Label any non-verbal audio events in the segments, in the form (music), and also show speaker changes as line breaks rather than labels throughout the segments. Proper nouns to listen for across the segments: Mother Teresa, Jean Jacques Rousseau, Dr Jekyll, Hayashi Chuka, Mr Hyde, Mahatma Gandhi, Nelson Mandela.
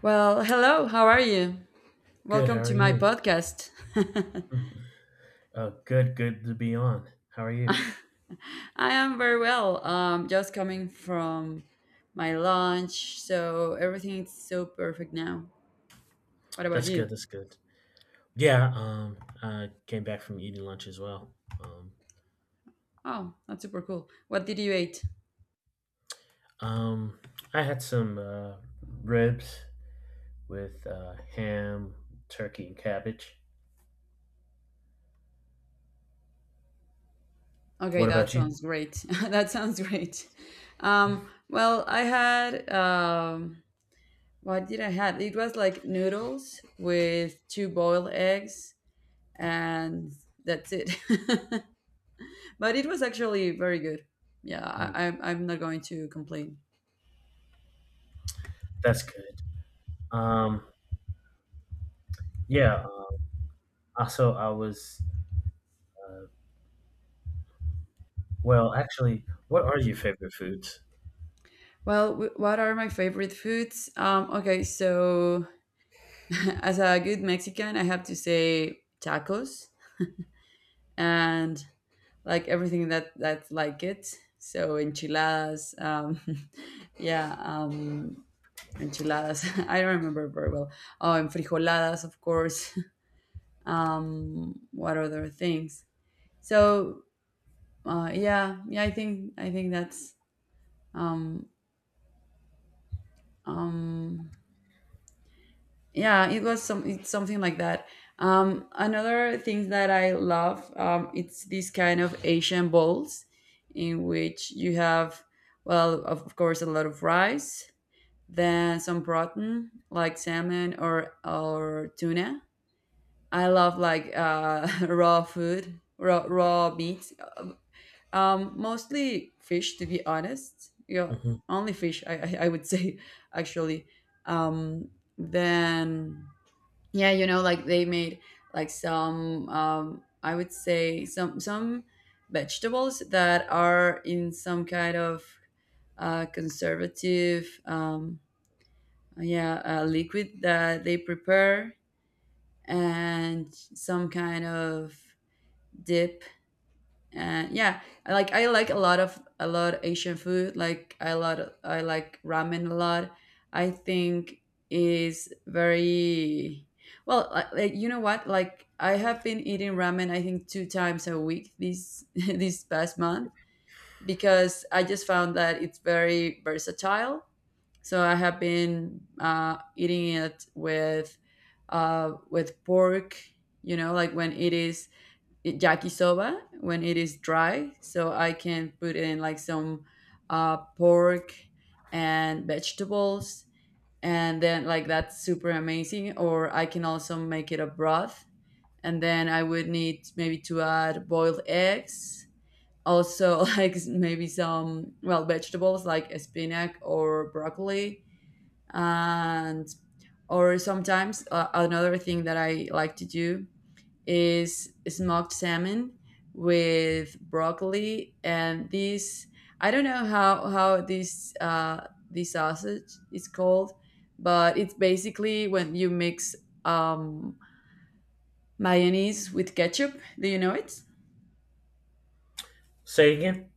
Well, hello, how are you?
Good.
Welcome
How are
to my
you?
podcast.
Mm. Oh, good. Good to be on. How are you?
(laughs) I am very well. Just coming from my lunch, so everything is so perfect now. What about
That's good.
you?
That's good. Yeah. I came back from eating lunch as well. Um.
Oh, that's super cool. What did you eat?
Um. I had some ribs with ham, turkey, and cabbage.
Okay,
What
that
about you?
sounds great. (laughs) That sounds great. Well, I had what did I had? It was like noodles with two boiled eggs, and that's it. (laughs) But it was actually very good. Yeah,
Mm,
I'm not going to complain.
that's good. Um. Yeah. Also, I was. Uh, well, actually, what are your favorite foods?
Well, what are my favorite foods? Okay, so (laughs) as a good Mexican, I have to say tacos and like everything that's like it. So enchiladas, (laughs) yeah, enchiladas. (laughs) I don't remember very well. Oh, and frijoladas, of course. (laughs) What other things? So yeah, I think that's um, yeah it was some it's something like that. Another thing that I love, it's this kind of Asian bowls in which you have, well, of course, a lot of rice, then some protein like salmon or tuna. I love like (laughs) raw food, raw meat, mostly fish, to be honest. Yeah,
Hmm.
only fish, I would say. (laughs) Actually, um then, yeah, you know, like they made like some, I would say, some vegetables that are in some kind of conservative, yeah, liquid that they prepare, and some kind of dip. And yeah, I like a lot of, a lot of Asian food. I like ramen a lot. I think is very well, like, you know what, like I have been eating ramen, I think, two times a week this (laughs) this past month because I just found that it's very versatile. So I have been eating it with pork, you know, like when it is yakisoba, when it is dry, so I can put in like some pork and vegetables, and then like that's super amazing. Or I can also make it a broth, and then I would need maybe to add boiled eggs also, (laughs) like maybe some, well, vegetables like spinach or broccoli. And or sometimes, another thing that I like to do is smoked salmon with broccoli and this, I don't know how this this sausage is called, but it's basically when you mix um mayonnaise with ketchup. Do you know it?
Say again.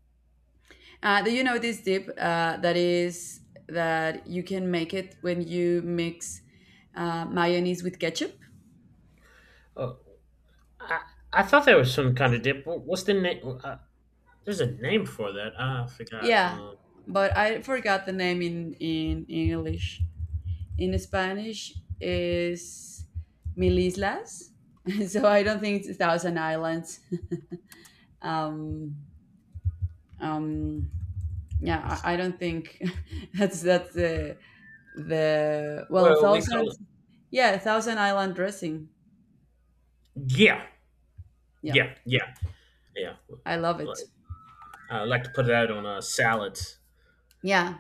Do you know this dip that is that you can make it when you mix mayonnaise with ketchup?
Oh, I I thought there was some kind of dip. What's the name? There's a name for that. I forgot.
Yeah, but I forgot the name in English. In Spanish is Mil Islas. (laughs) So I don't think it's a thousand islands. (laughs) Um, um, yeah,
It's-
I don't think (laughs) that's the, well,
well, we
thousand.
call it.
Yeah, thousand island dressing.
Yeah,
Yeah,
yeah, yeah, yeah.
I love it.
Like, I like to put that on salads.
Yeah,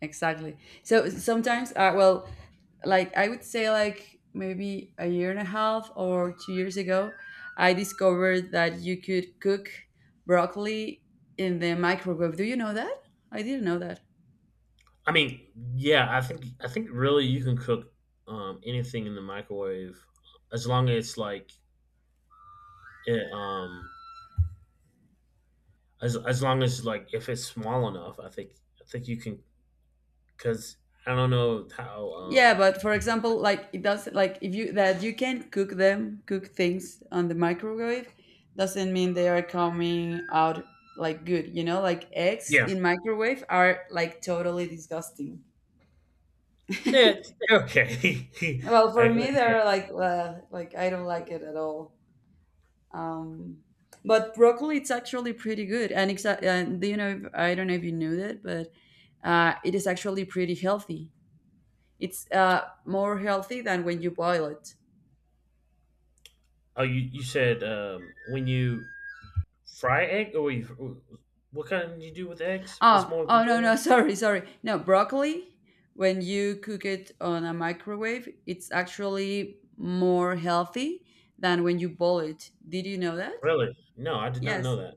exactly. So sometimes, well, like I would say like maybe a year and a half or 2 years ago, I discovered that you could cook broccoli in the microwave. Do you know that? I didn't know that.
I mean, yeah, I think really you can cook anything in the microwave as long as like it, as long as like if it's small enough. I think you can because I don't know how.
Yeah, but for example, like it does, like if you that you can cook them, cook things on the microwave doesn't mean they are coming out like good, you know? Like eggs
Yeah,
in microwave are like totally disgusting.
that okay.
Well,
(laughs)
for me
Okay.
they're like I don't like it at all. Um, but broccoli, it's actually pretty good, and and do you know? If, I don't know if you knew that, but it is actually pretty healthy. It's more healthy than when you boil it.
Oh, you said when you fry egg? Or you, what kind did you do with eggs? This
Oh,
more
no,
boiling.
no, (laughs) sorry, sorry. No, broccoli. When you cook it on a microwave, it's actually more healthy than when you boil it. Did you know that?
Really? No, I did not know
Yes.
that.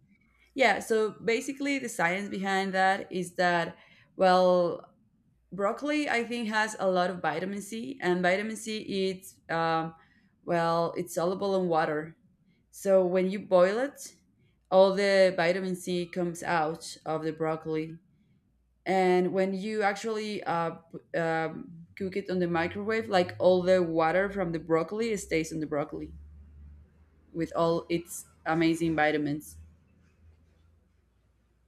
Yeah. So basically, the science behind that is that, well, broccoli, I think, has a lot of vitamin C, and vitamin C it's well, it's soluble in water, so when you boil it all the vitamin C comes out of the broccoli. And when you actually cook it on the microwave, like all the water from the broccoli stays on the broccoli with all its amazing vitamins.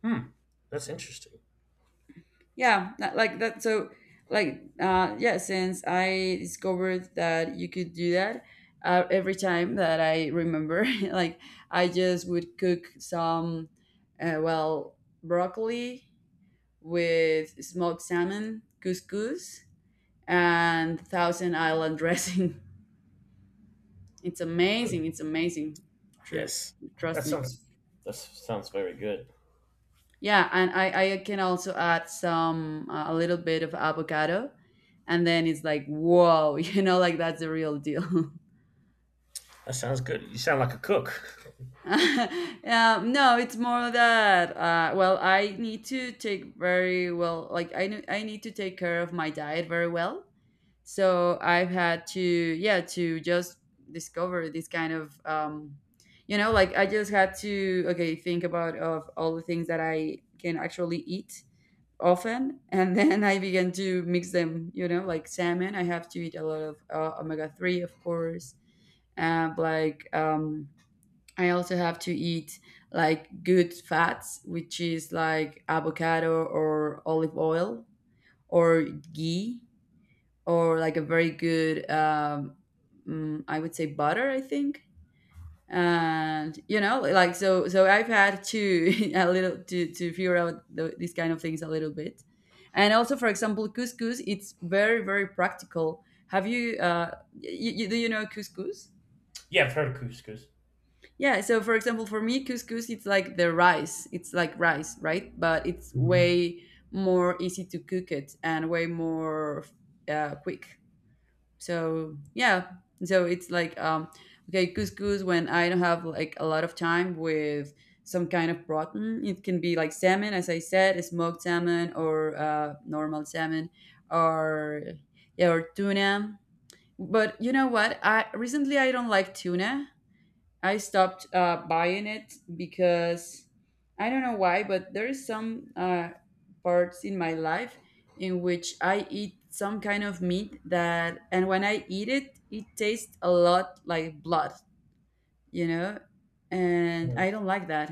Hmm. That's interesting.
Yeah, that- like that. So, like, yeah, since I discovered that you could do that, every time that I remember, (laughs) like, I just would cook some, well, broccoli with smoked salmon, couscous, and Thousand Island dressing. (laughs) It's
Hmm.
amazing. It's amazing. True.
Yes. That
Trust me.
sounds. That sounds very good.
Yeah, and I can also add some a little bit of avocado, and then it's like, whoa, (laughs) you know, like that's the real deal. (laughs)
That sounds good. You sound like a cook. (laughs)
No, it's more that well, I need to take very well, like I need to take care of my diet very well. So I've had to, yeah, to just discover this kind of, you know, like I just had to, okay, think about of all the things that I can actually eat often. And (laughs) then I began to mix them, you know, like salmon, I have to eat a lot of omega-3, of course. And like, I also have to eat like good fats, which is like avocado or olive oil or ghee, or like a very good, I would say butter, I think. And you know, so I've had to (laughs) a little to figure out th these kind of things a little bit. And also, for example, couscous, it's very, very practical. Have you do you know couscous?
Yeah, I've heard of couscous.
Yeah, so for example, for me, couscous it's like the rice, it's like rice, right? But it's
Mhm.
way more easy to cook it, and way more quick. So yeah, so it's like, okay, couscous when I don't have like a lot of time, with some kind of protein. It can be like salmon, as I said, smoked salmon, or normal salmon, or yeah, or tuna. But you know what, I recently, I don't like tuna. I stopped buying it because I don't know why, but there is some parts in my life in which I eat some kind of meat, that, and when I eat it, it tastes a lot like blood, you know, and I don't like that.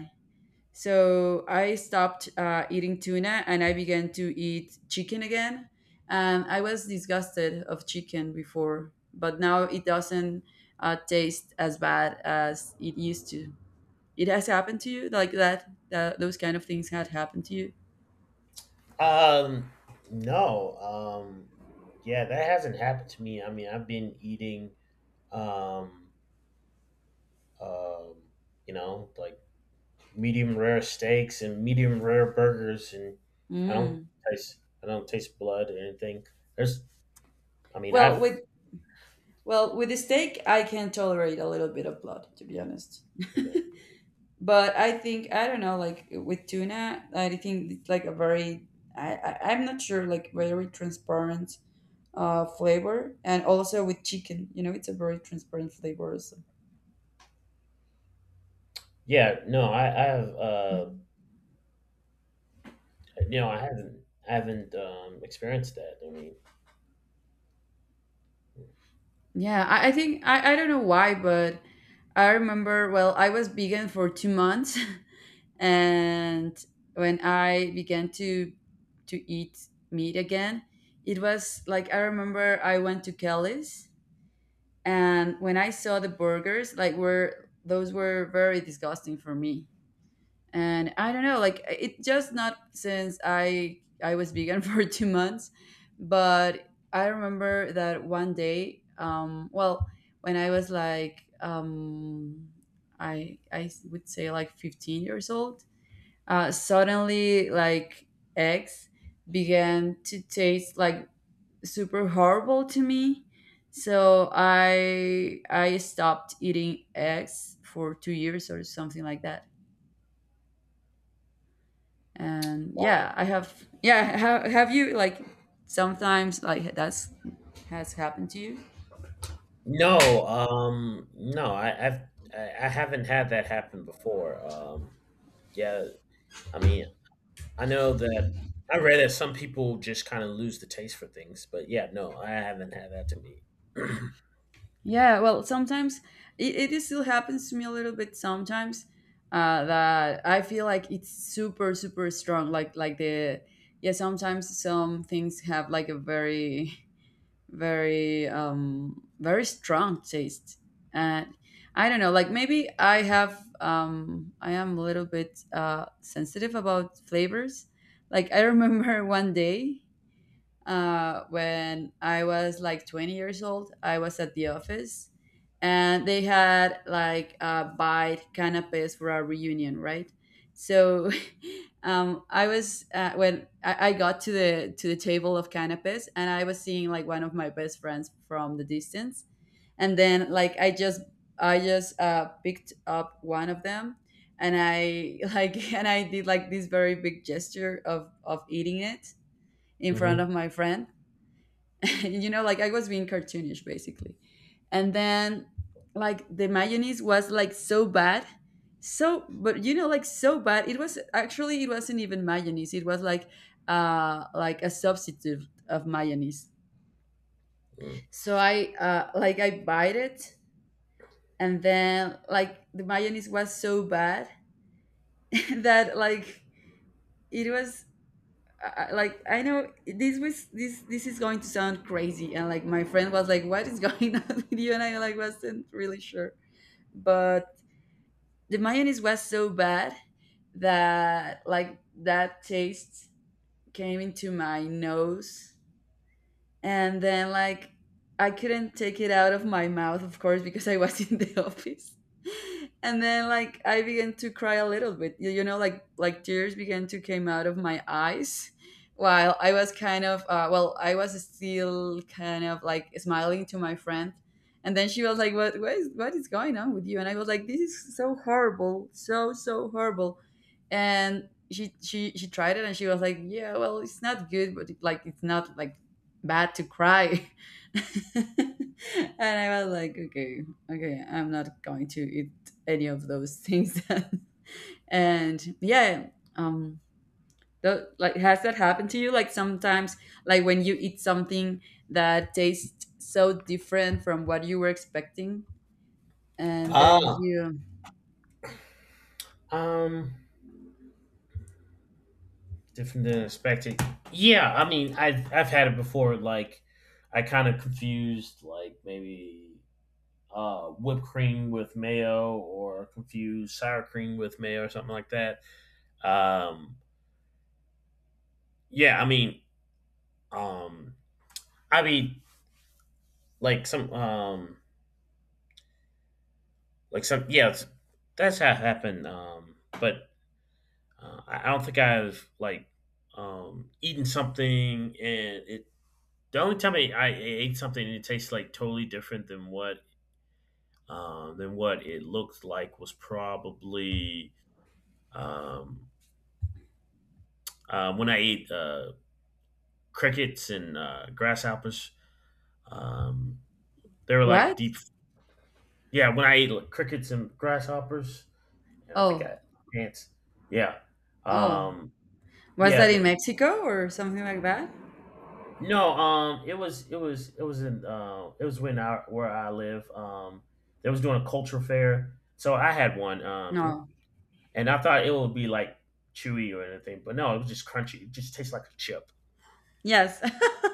So I stopped eating tuna, and I began to eat chicken again. And I was disgusted of chicken before, but now it doesn't taste as bad as it used to. It has happened to you like that. That those kind of things had happened to you.
Um, no. Um, yeah, that hasn't happened to me. I mean, I've been eating, um, um, like medium rare steaks and medium rare burgers, and I don't
Mm.
I don't taste blood or anything. There's, I mean,
Well,
I've
with the steak, I can tolerate a little bit of blood, to be honest.
okay.
But I think, I don't know, like with tuna, I think it's like a very, I'm not sure, like very transparent flavor, and also with chicken, you know, it's a very transparent flavor. Also.
Yeah, no, I have
(laughs)
you know, I haven't I haven't experienced that. I mean,
Yeah, I think, I don't know why, but I remember. Well, I was vegan for 2 months. (laughs) And when I began to eat meat again, it was like, I remember, I went to Kelly's, and when I saw the burgers, like, were, those were very disgusting for me. And I don't know, like it just, not since I was vegan (laughs) for 2 months. But I remember that one day, well, when I was like, I would say, like 15 years old, suddenly like eggs began to taste like super horrible to me. So I stopped eating eggs for 2 years or something like that. And yeah,
wow,
I have yeah have you, like, sometimes like that's has happened to you?
no, no, I, I've I haven't had that happen before. Yeah, I mean, I know that I read that some people just kind of lose the taste for things, but yeah, no, I haven't had that to me. (clears throat)
Yeah, well, sometimes it is still happens to me a little bit sometimes, that I feel like it's super, super strong. Like the, yeah, sometimes some things have like a very, very, very strong taste. And I don't know, like maybe I have, I am a little bit sensitive about flavors. Like I remember (laughs) one day, when I was like 20 years old, I was at the office, and they had like bite canapes for our reunion, right? So (laughs) I was when I got to the table of canapes, and I was seeing like one of my best friends from the distance, and then like I just, picked up one of them, and I (laughs) like, and I did like this very big gesture of eating it in front
Mm-hmm.
of my friend. (laughs) You know, like I was being cartoonish, basically. And then like the mayonnaise was like so bad. So, but you know, like so bad. It was actually, it wasn't even mayonnaise. It was like a substitute of mayonnaise. So I like I bite it and then like the mayonnaise was so bad (laughs) that like it was I- like I know this was this this is going to sound crazy and like my friend was like what is going (laughs) on with you and I like wasn't really sure but the mayonnaise was so bad that like that taste came into my nose and then like I couldn't take it out of my mouth, of course, because I was (laughs) in the office. And then like I began to cry a little bit. You know, like tears began to came out of my eyes while I was kind of well, I was still kind of like smiling to my friend. And then she was like, "What is going on with you?" And I was like, "This is so horrible, so so horrible." And she tried it and she was like, "Yeah, well, it's not good, but like it's not like bad to cry." (laughs) And I was like, okay, okay, I'm not going to eat any of those things. (laughs) And yeah, um, like, has that happened to you? Like sometimes, like when you eat something that tastes so different from what you were expecting, and then
Ah,
you
um, different than expected. Yeah, I mean, I've had it before. Like, I kind of confused like maybe whipped cream with mayo, or confused sour cream with mayo, or something like that. Um, yeah, um, I mean, like some yeah it's, that's how it happened but I don't think I've like eaten something and it the only time I ate something and it tastes like totally different than what it looked like was probably um when I ate crickets and grasshoppers um they were
what?
like deep yeah when I ate like, crickets and grasshoppers and I think I
Oh,
ants yeah
oh,
um
was
yeah,
that in
the
Mexico or something like that?
No, it was in it was when I where I live. They was doing a culture fair, so I had one. And,
No.
and I thought it would be like chewy or anything, but no, it was just crunchy. It just tastes like a chip.
Yes,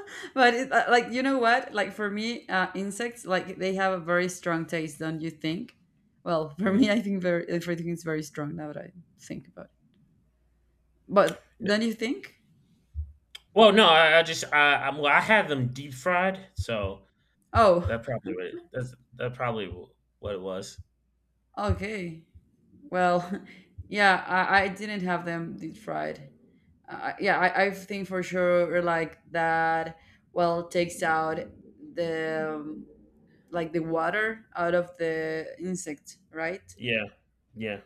(laughs) but like, you know what? Like for me, insects, like they have a very strong taste, don't you think? Well, (laughs) for
Mm.
me, I think very everything is very strong now that I think about it. But
N-
don't you think?
Well, no, I just I well, I had them deep fried, so
Oh,
that probably what it, that's that probably what it was.
okay. Well, (laughs) yeah, I didn't have them deep fried. Yeah, I think for sure like that. Well, takes out the like the water out of the insect, right?
Yeah, yeah.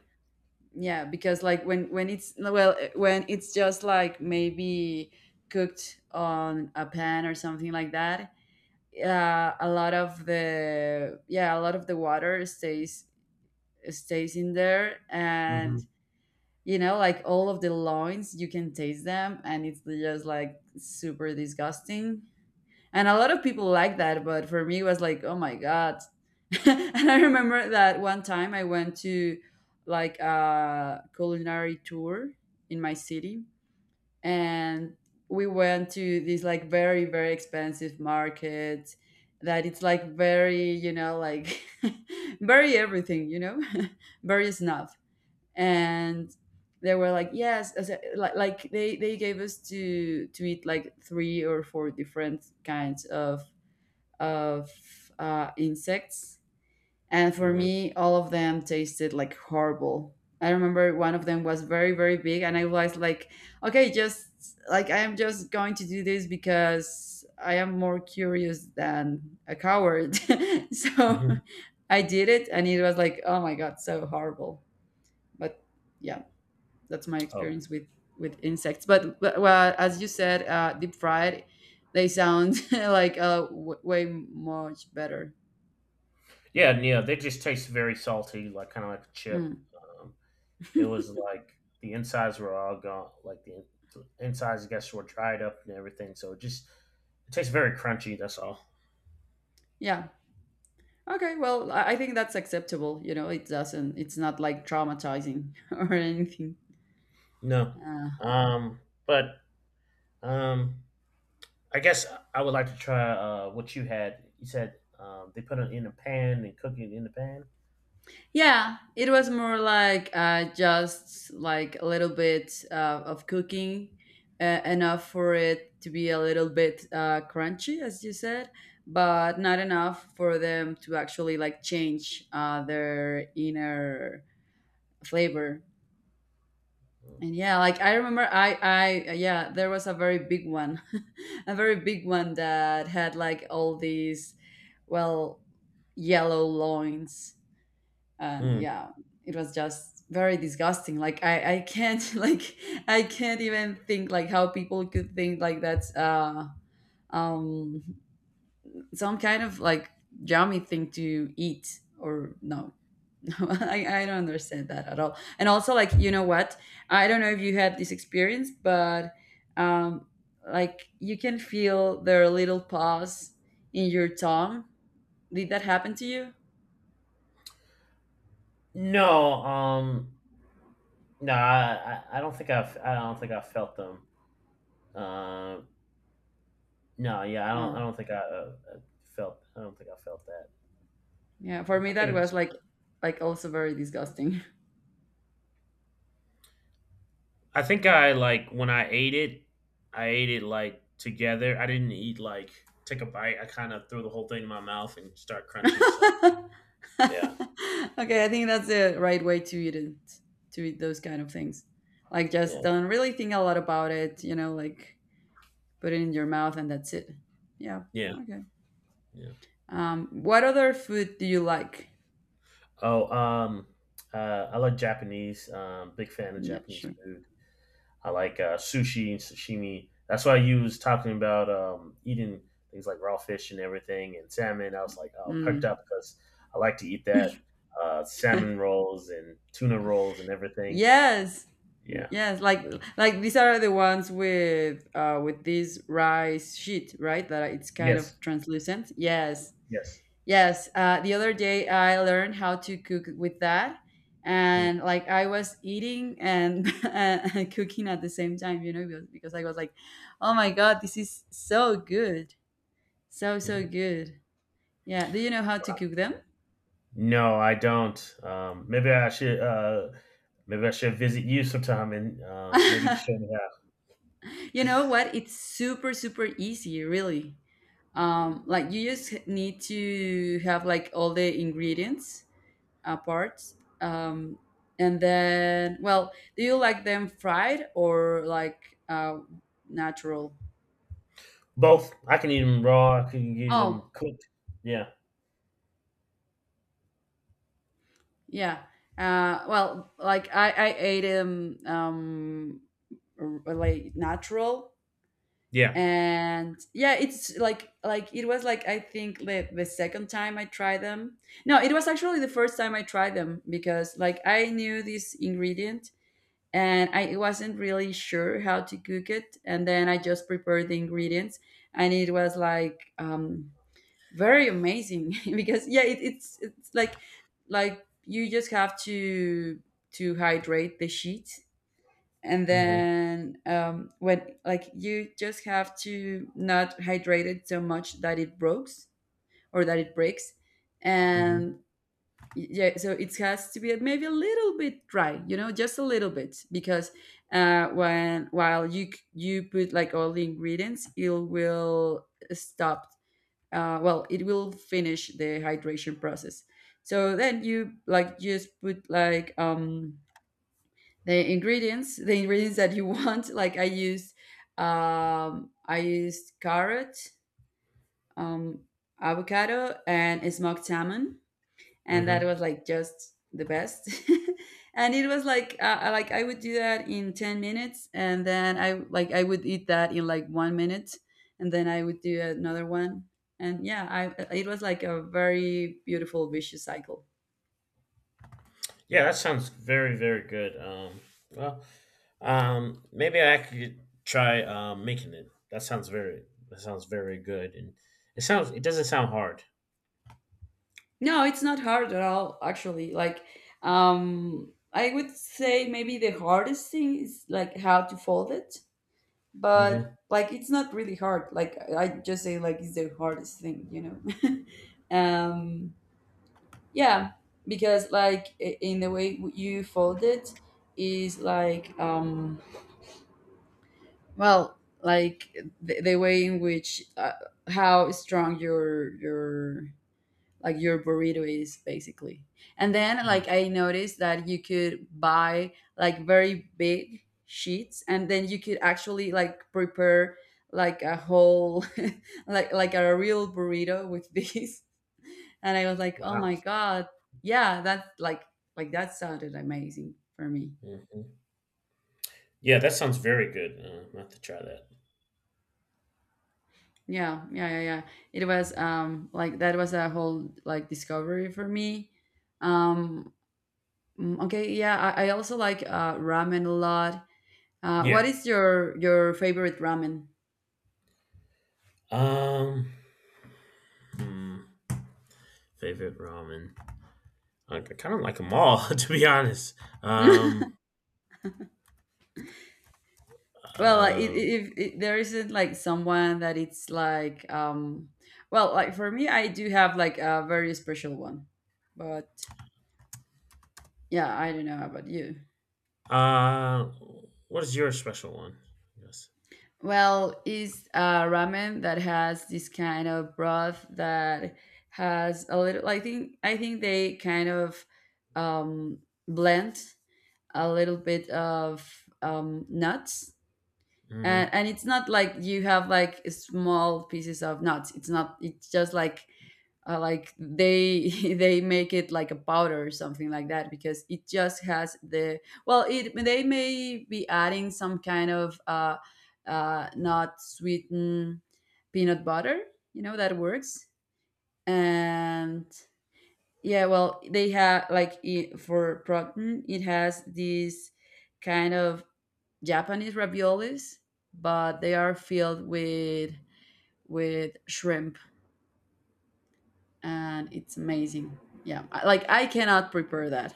Yeah, because like when it's no, well, when it's just like maybe cooked on a pan or something like that, a lot of the, yeah, a lot of the water stays in there
Hmm.
and you know, like all of the loins you can taste them and it's just like super disgusting, and a lot of people like that, but for me it was like, oh my god. (laughs) And I remember that one time I went to like a culinary tour in my city and we went to this like very, very expensive market that it's like very, you know, like, (laughs) very everything, you know, (laughs) very snob, and they were like yes, like they gave us to eat like three or four different kinds of insects. And for
Hmm.
me, all of them tasted like horrible. I remember one of them was very, very big, and I was like, okay, just like I am just going to do this because I am more curious than a coward. (laughs) So
Hmm.
I did it, and it was like, oh my god, so horrible. But yeah, that's my
Oh.
experience with insects. But well, as you said, deep fried, they sound (laughs) like way much better.
Yeah, and, yeah, they just taste very salty, like kind of like a chip.
Mm.
It was like the insides were all gone, like the insides, I guess, were dried up and everything. So it just it tastes very crunchy. That's all.
Yeah. Okay. Well, I think that's acceptable. You know, it doesn't. It's not like traumatizing (laughs) or anything.
No,
Uh,
um, but um, I guess I would like to try what you had. You said they put it in a pan and cook it in the pan.
yeah, it was more like just like a little bit of cooking, enough for it to be a little bit crunchy, as you said, but not enough for them to actually like change their inner flavor. And yeah, like I remember I yeah, there was a very big one. (laughs) A very big one that had like all these, well, yellow loins. And
Mm.
yeah, it was just very disgusting. Like I can't (laughs) like I can't even think like how people could think like that's um some kind of like yummy thing to eat or no. (laughs) I don't understand that at all. And also, like, you know what? I don't know if you had this experience, but um, like, you can feel their little paws in your tongue. Did that happen to you?
No, no, I don't think I don't think I felt them. Um, No, yeah, I don't.
Oh,
I don't think I felt. I don't think I felt that.
yeah. For me,
I
that
think.
was like, also very disgusting.
I think I like when I ate it. I ate it like together. I didn't eat like take a bite. I kind of threw the whole thing in my mouth and start
(laughs) Okay,
crunching. So yeah,
I think that's the right way to eat it, to eat those kind of things. Like, just
yeah,
don't really think a lot about it. You know, like, put it in your mouth and that's it. Yeah.
yeah,
Okay.
yeah.
What other food do you like?
Oh, I like Japanese. Big fan of
Yeah,
Japanese
sure.
food. I like sushi and sashimi. That's why you was talking about eating things like raw fish and everything and salmon. I was like, oh, perked
Mm.
up because I like to eat that salmon rolls and tuna rolls and everything.
Yes,
Yeah.
yes. Like these are the ones with this rice sheet, right? That it's kind
Yes.
of translucent. Yes,
Yes.
yes. The other day I learned how to cook with that, and like I was eating and (laughs) and cooking at the same time, you know, because I was like, oh my god, this is so good, so so
Mhm.
good. Yeah. Do you know how to cook them?
No, I don't. Maybe I should. Maybe I should visit you sometime and maybe show
(laughs)
me how.
You know what? It's super, super easy, really. Like you just need to have like all the ingredients, parts, um, and then, well, do you like them fried or like natural?
Both. I can eat them raw. I can eat them
Oh,
cooked. Yeah.
yeah. Well, like I ate them like natural,
Yeah.
and yeah it's like it was like I think the second time I tried them. No, it was actually the first time I tried them because like I knew this ingredient and I wasn't really sure how to cook it, and then I just prepared the ingredients, and it was like very amazing (laughs) because yeah it's like you just have to hydrate the sheet and
Hmm.
then when like you just have to not hydrate it so much that it breaks or that it breaks.
Hmm.
And yeah, so it has to be maybe a little bit dry, you know, just a little bit because when while you you put like all the ingredients it will stop, well, it will finish the hydration process, so then you like just put like the ingredients that you want. (laughs) Like I used carrot, um avocado and smoked salmon, and that
Hmm.
was like just the best. (laughs) And it was like like I would do that in 10 minutes and then I would eat that in like one minute and then I would do another one, and yeah, I it was like a very beautiful vicious cycle.
Yeah, that sounds very, very good. Well, maybe I could try making it. That sounds very. That sounds very good, and it sounds. It doesn't sound hard.
No, it's not hard at all, actually. Like, I would say maybe the hardest thing is like how to fold it,
Hmm.
but like it's not really hard. Like I just say like it's the hardest thing, you know. (laughs) um, yeah, because like in the way you fold it is like well, like the way in which how strong your burrito is basically. And then
Mm.
like I noticed that you could buy like very big sheets and then you could actually like prepare like a whole (laughs) like a real burrito with these. (laughs) And I was like, "Oh
Wow.
my god. Yeah, that like that sounded amazing for me."
Hmm. Yeah, that sounds very good. I'm have to try that.
Yeah, yeah, yeah, yeah. It was like that was a whole like discovery for me. Um okay, yeah, I also like ramen a lot. What
Yeah.
is your favorite ramen?
Um. hmm, Favorite ramen. I kind of like them all, (laughs) to be honest.
(laughs)
Um.
Well,
Uh.
if, there isn't like someone that it's like, well, like for me, I do have like a very special one, but yeah, I don't know about you.
Uh. What is your special one? Yes.
Well, is ramen that has this kind of broth that has a little. I think they kind of um, blend a little bit of nuts,
Hmm.
and it's not like you have like small pieces of nuts, it's not, it's just like they (laughs) they make it like a powder or something like that because it just has the, well, it they may be adding some kind of not sweetened peanut butter, you know, that works, and yeah, well, they have like it, for protein it has this kind of Japanese raviolis, but they are filled with shrimp, and it's amazing. Yeah, like I cannot prepare that.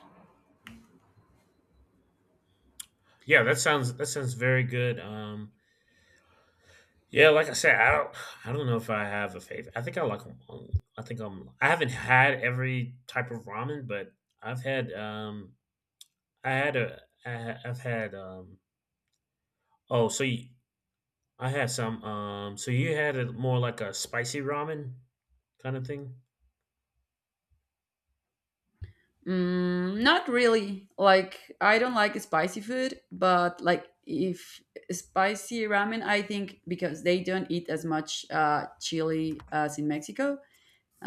Yeah, that sounds very good. Yeah, like I said, I don't know if I have a favorite. I think I like them all. I think I'm I haven't had every type of ramen, but I've had I had I've had oh so you, I had some so you had a more like a spicy ramen kind of thing.
Mm, not really. Like I don't like spicy food, but like if spicy ramen, I think because they don't eat as much chili as in Mexico.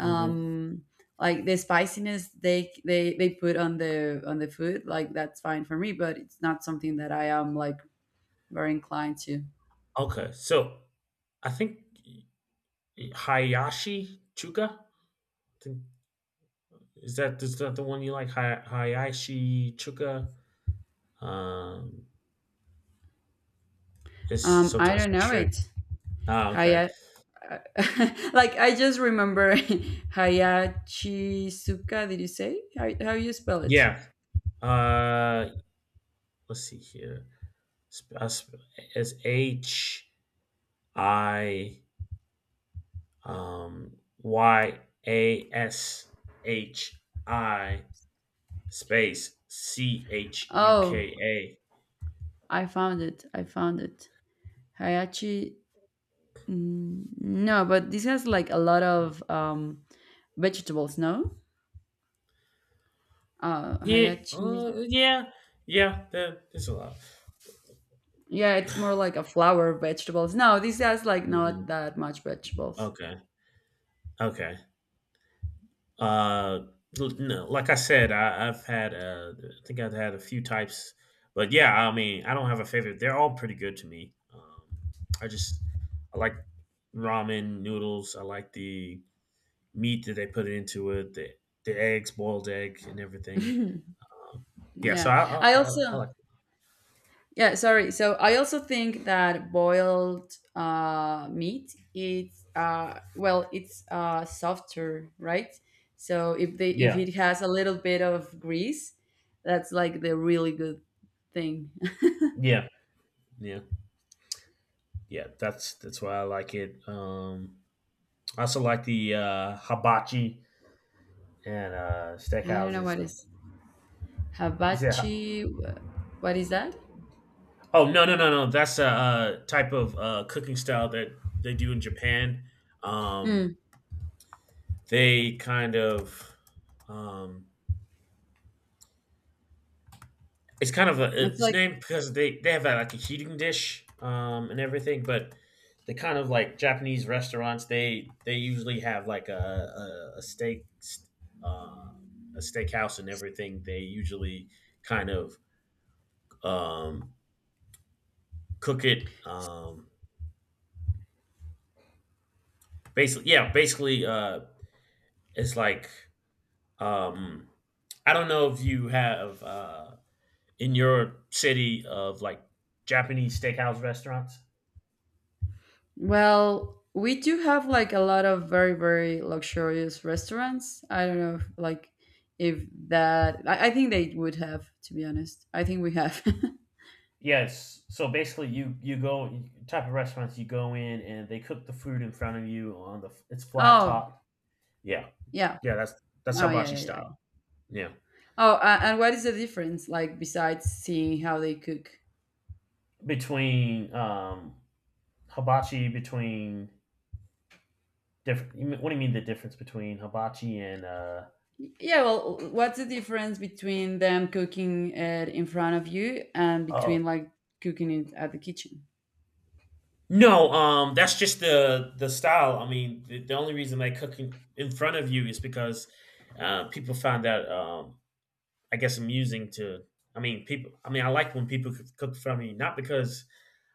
Hmm.
like the spiciness they put on the food, like that's fine for me, but it's not something that I am like very inclined to.
Okay, so I think Hayashi Chuka. Think- is that the one you like? Hayashi Chuka. Um, It's
I
sometimes
don't
a
know
trick.
it.
Ah, okay.
Haya, (laughs) like I just remember (laughs) Hayachizuka. Did you say how you spell it?
Yeah. Uh, let's see here. Sp- uh, sp- It's Hi Yashi space C H U K
Oh,
A.
I found it. I found it. Hayachi. No, but this has like a lot of vegetables. No,
Yeah.
hayachi.
Yeah. Yeah. There's a lot.
Yeah, it's more like a flower vegetables. No, this has like not
Hmm.
that much vegetables.
Okay. Okay. Uh, no, like I said, I think I've had a few types, but yeah, I mean, I don't have a favorite. They're all pretty good to me. I just I like ramen noodles. I like the meat that they put into it, the eggs, boiled egg, and
(laughs)
everything. Um, yeah, so
Yeah,
I, I,
I also.
I I like.
Yeah, sorry. So I also think that boiled meat it's, well, it's softer, right? So if
Yeah,
it has a little bit of grease, that's like the really good thing. (laughs)
yeah, yeah, yeah. That's why I like it. I also like the hibachi and
I don't know
steakhouses.
what is
You said
hibachi. What is that?
Oh no no no no! That's a type of cooking style that they do in Japan. Um,
Mm,
they kind of um, it's kind of a,
it's
it's
like.
named because they have like a heating dish and everything, but the kind of like Japanese restaurants they usually have like a steak uh, a steakhouse and everything. They usually kind of um, cook it basically yeah basically it's like Um, I don't know if you have in your city of like Japanese steakhouse restaurants.
Well, we do have like a lot of very, very luxurious restaurants. I don't know if like if that I think they would have, to be honest. I think we have. (laughs)
Yes. So basically, you go type of restaurants you go in, and they cook the food in front of you on the it's flat
Oh,
top. Yeah,
yeah.
yeah, that's
Oh,
hibachi
yeah, yeah, yeah.
style. Yeah,
Oh, and what is the difference like besides seeing how they cook?
between hibachi between different. What do you mean the difference between hibachi and
Yeah, well, what's the difference between them cooking it in front of you and
oh
between like cooking it at the kitchen?
No, that's just the style. I mean, the only reason they cook in front of you is because people find that I guess amusing to. I mean, people. I mean, I like when people cook in front of me, not because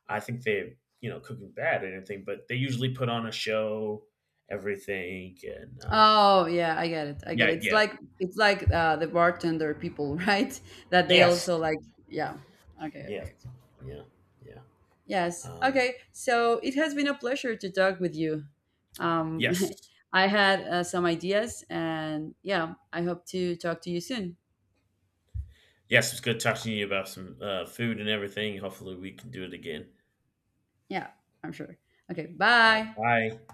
I think they're cooking bad or anything, but they usually put on a show, everything, and
Oh yeah, I get it. I get
yeah,
it.
yeah,
It's like the bartender people, (laughs) right? That they
yes,
also like. Yeah. Okay.
yeah,
Okay.
yeah, yeah,
Yes.
um,
Okay. So it has been a pleasure to talk with you. Um,
yes,
(laughs) I had some ideas, and yeah, I hope to talk to you soon.
yes. It's good talking to you about some food and everything. Hopefully, we can do it again.
Yeah, I'm sure. Okay. Bye.
Bye.